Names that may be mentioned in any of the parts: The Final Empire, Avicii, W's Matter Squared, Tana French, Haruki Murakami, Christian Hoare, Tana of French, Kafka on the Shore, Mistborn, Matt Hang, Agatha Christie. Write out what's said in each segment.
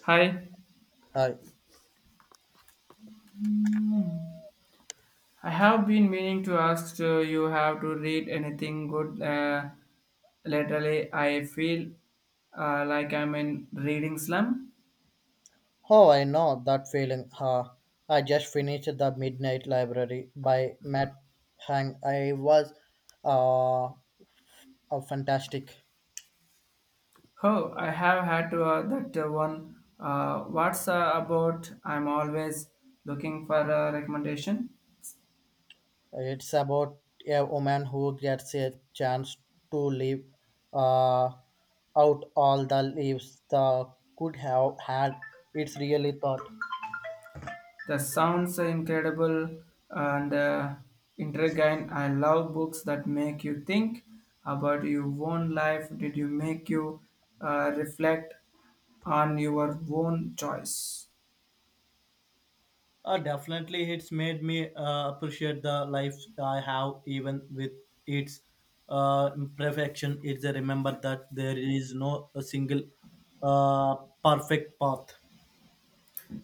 Hi, Hi. I have been meaning to ask you have to read anything good lately. I feel like I'm in reading slum. Oh, I know that feeling. Huh. I just finished The Midnight Library by Matt Hang. I was uh, fantastic. Oh, I have had to that one. What's about? I'm always looking for a recommendation. It's about a woman who gets a chance to live uh, out all the leaves the could have had. It's really thought. The sounds are incredible and intriguing. I love books that make you think about your own life. Did you make you reflect on your own choice? Definitely, it's made me appreciate the life I have, even with its imperfection. It's a remember that there is no a single uh, perfect path.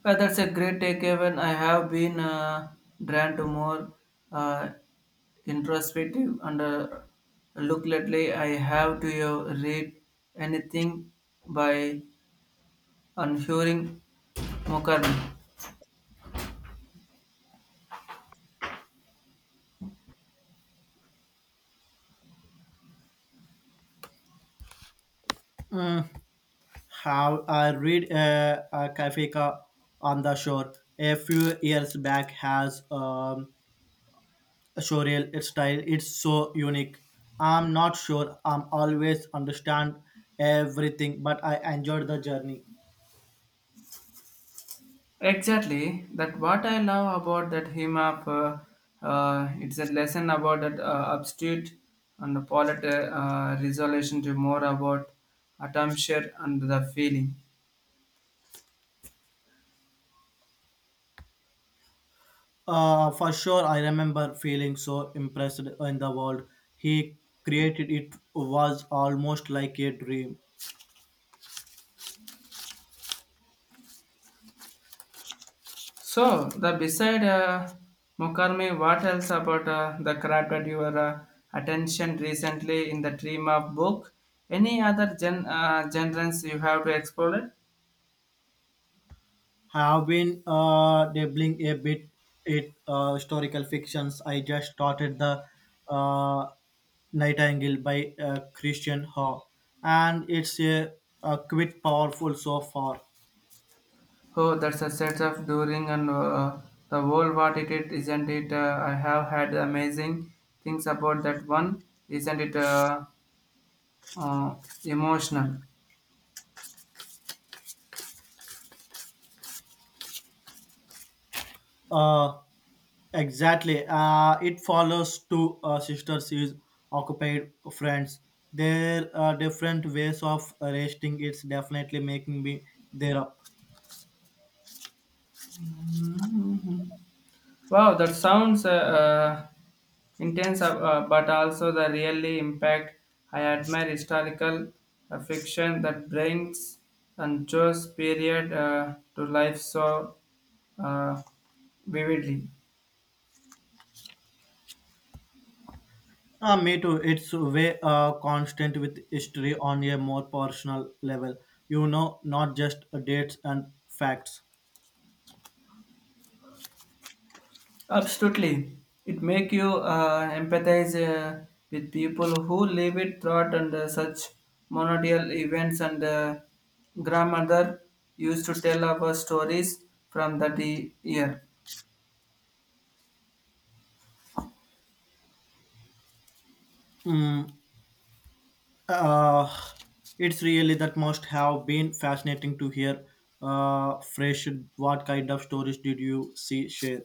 Well, that's a great take, Evan. I have been drawn to more uh, introspective and look lately. I have to read anything by Unhuring Mokarmi. How I read Kafka on the shore a few years back has a surreal style. It's so unique. I'm not sure I'm always understand everything, but I enjoyed the journey. Exactly. That what I love about that hymn of it's a lesson about that abstract and the polit resolution to more about atmosphere and the feeling. For sure, I remember feeling so impressed in the world he created. It was almost like a dream. So the beside Mukarmi, what else about the crafted your attention recently in the dream of book? Any other genres you have to explore? I have been dabbling a bit in historical fictions. I just started the uh, Nightingale by Christian Hoare, and it's a quite powerful so far. Oh, that's a setup during and the World War it is, isn't it? I have had amazing things about that one. Isn't it uh, emotional? Uh, Exactly. It follows two sisters is occupied friends. There are different ways of resting. It's definitely making me there up. Wow, that sounds intense, but also the really impact. I admire historical fiction that brings and shows period to life so uh, vividly. Me too. It's way constant with history on a more personal level. You know, not just dates and facts. Absolutely, it make you empathize with people who live it throughout and such monodial events. And grandmother used to tell our stories from that year. Mm, uh, it's really that must have been fascinating to hear. Fresh, what kind of stories did you see share?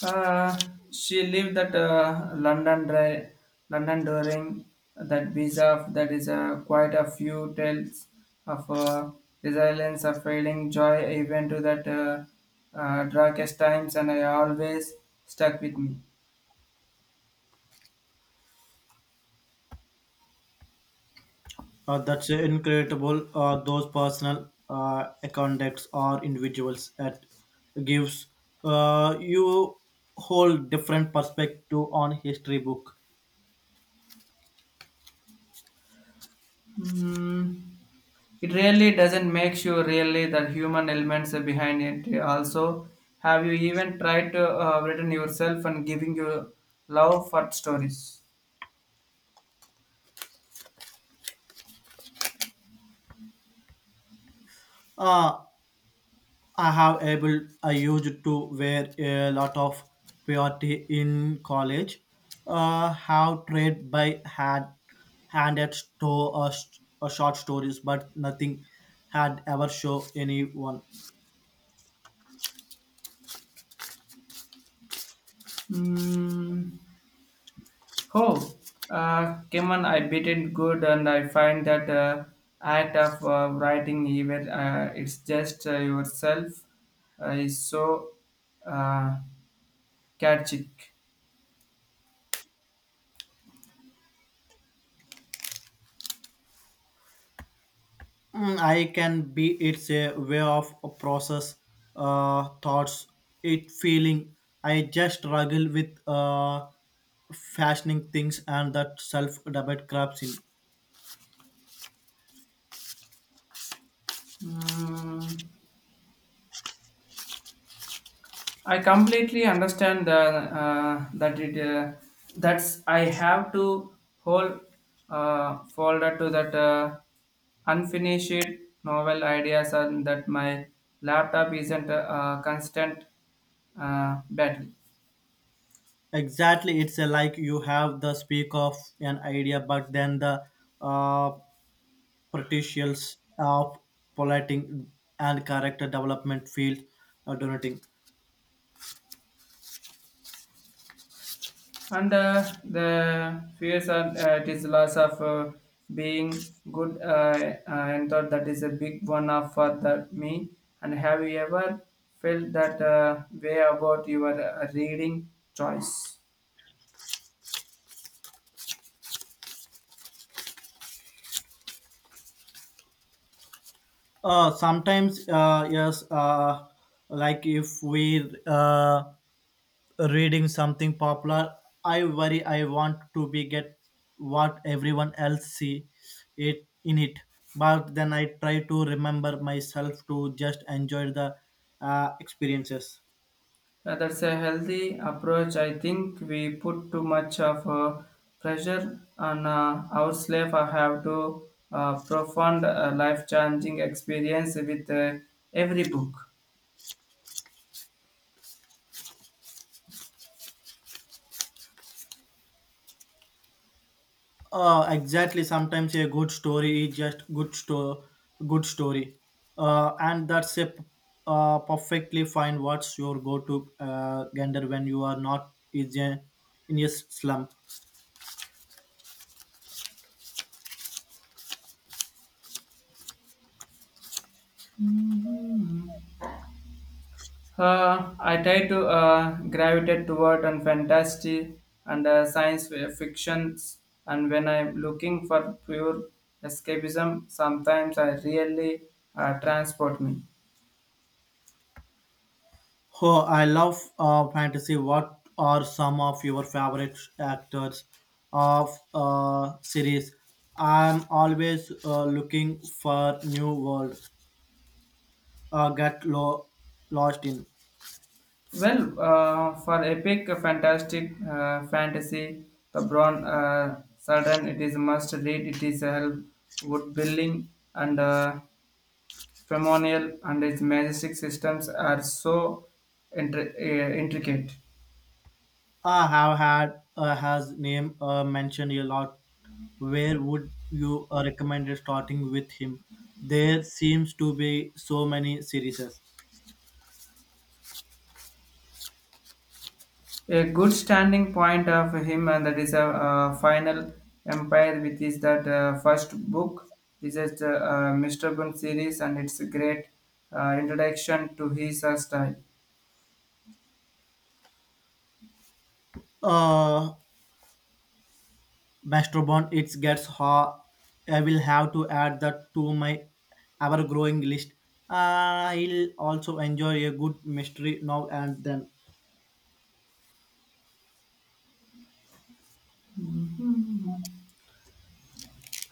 Uh, she lived at London during that visa. That is quite a few tales of resilience, of failing joy, even to that darkest times, and I always stuck with me. That's incredible. Those personal contacts or individuals that gives you whole different perspective on history book. Mm, it really doesn't make you really the human elements behind it. Also, have you even tried to written yourself and giving your love for stories? Uh, I have able I used to wear a lot of purity in college. Have trade by hand handed to short stories, but nothing had ever show anyone. Mm, oh, come on, I beat it good, and I find that act of writing even it's just yourself is so uh, catchy. I can be it's a way of a process thoughts, it feeling. I just struggle with fashioning things and that self debate crops in. Mm, I completely understand the, that it that's I have to hold folder to that unfinished novel ideas and that my laptop isn't a constant battle. Exactly, it's a, like you have the speak of an idea, but then the uh, potentials of polluting and character development field donating. And the fears and it is loss of being good. And thought that is a big one of that me. And have you ever felt that way about your reading choice? Sometimes, yes, like if we reading something popular, I worry I want to be get what everyone else see it in it, but then I try to remember myself to just enjoy the experiences. That's a healthy approach. I think we put too much of pressure on our slave. I have to profound life-changing experience with every book. Exactly, sometimes a good story is just good story and that's perfectly fine. What's your go-to gander when you are not is a, in a slump? Mhm. I try to gravitate toward and fantasy and fictions. And when I'm looking for pure escapism, sometimes I really transport me. Oh, I love fantasy. What are some of your favorite actors of series? I'm always looking for new world. Uh, get lo- lost in. Well, for epic, fantastic fantasy, the Brown Sudden, it is a must read. It is a help wood building and ceremonial and its majestic systems are so intricate. I have had his name mentioned a lot. Where would you recommend starting with him? There seems to be so many series. A good standing point of him and that is a final empire which is that first book is a Mr. Bun series and it's a great introduction to his style. Uh, Masterbond it gets hot. I will have to add that to my ever growing list. I'll also enjoy a good mystery now and then.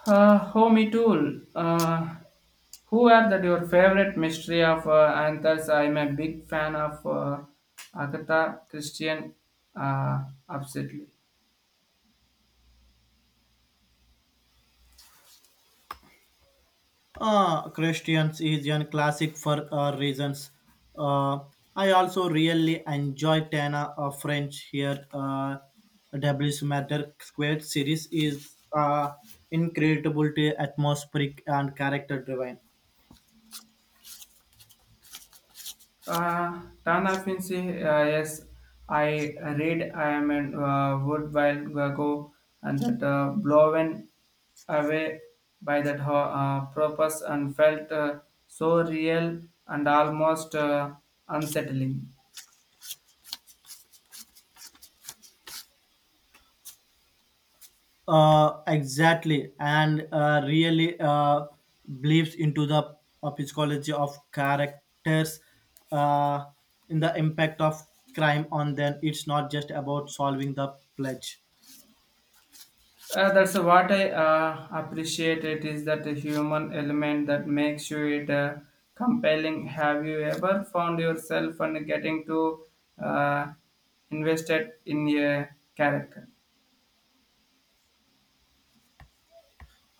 Homie Tool, who are that your favorite mystery of authors? I'm a big fan of Agatha Christian, uh, absolutely. Christians is a classic for reasons. Uh, I also really enjoy Tana of French here. W's Matter Squared series is incredible, atmospheric, and character driven. Tana Fincy, yes, I read I am in Wood While Ago and that blown away by that purpose and felt so real and almost unsettling. Exactly, and really believes into the psychology of characters uh, in the impact of crime on them. It's not just about solving the pledge. That's what I appreciate. It is that human element that makes you it compelling. Have you ever found yourself and getting to uh, invested in a character?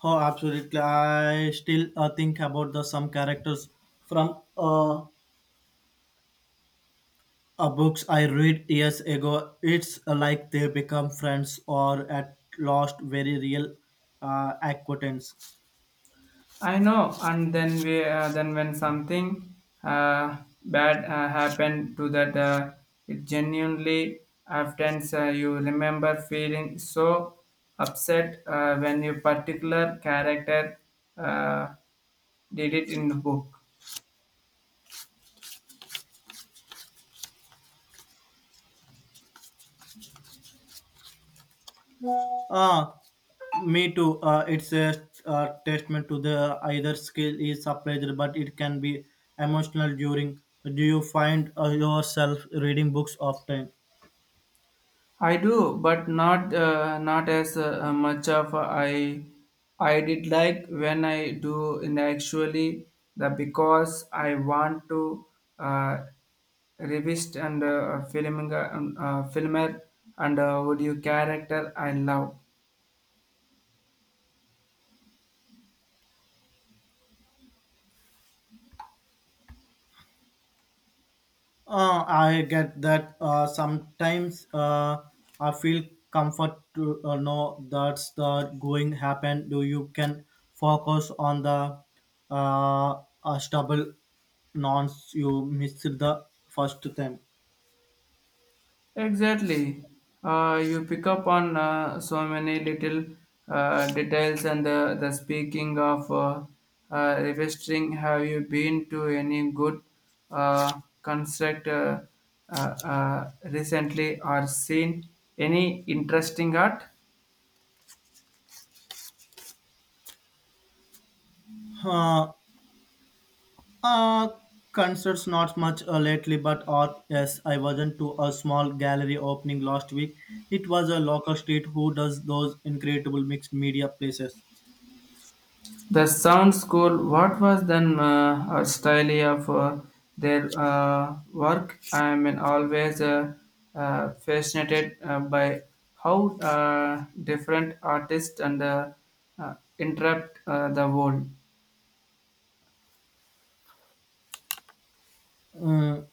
Oh, absolutely, I still think about the some characters from books I read years ago. It's like they become friends or at lost very real acquaintance. I know, and then we then when something uh, bad happened to that, it genuinely often you remember feeling so upset when your particular character uh, did it in the book. Uh, Me too. It's a testament to the either skill is appraised, but it can be emotional during. Do you find yourself reading books often? I do, but not not as much of I did like when I do in actually the because I want to uh, revisit and filming filmer and audio character I love. I get that, sometimes, I feel comfort to know that's the going happen. Do you can focus on the stubble nonce you missed the first time? Exactly. You pick up on so many little details and the speaking of revisiting, have you been to any good construct recently or seen any interesting art? Uh, Uh, Concerts not much lately, but art. Yes, I wasn't to a small gallery opening last week. It was a local street who does those incredible mixed media places. The sound school, what was then a style of their work? I am always fascinated by how different artists and interrupt the world. Uh,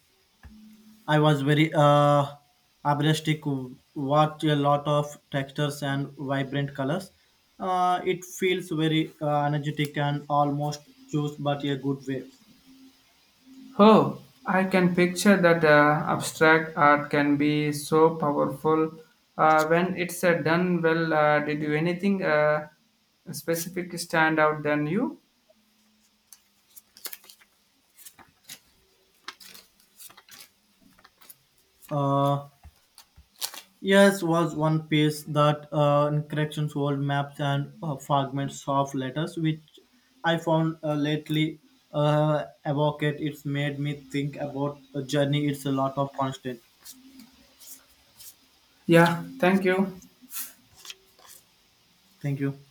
I was very abreastic, watch a lot of textures and vibrant colors. It feels very energetic and almost choose, but a good way. Oh, I can picture that abstract art can be so powerful when it's done well. Did you anything specific stand out than you? Uh, Yes, was one piece that encryptions old maps and fragments of letters, which I found lately evocate. It's made me think about a journey. It's a lot of constant. Yeah, thank you. Thank you.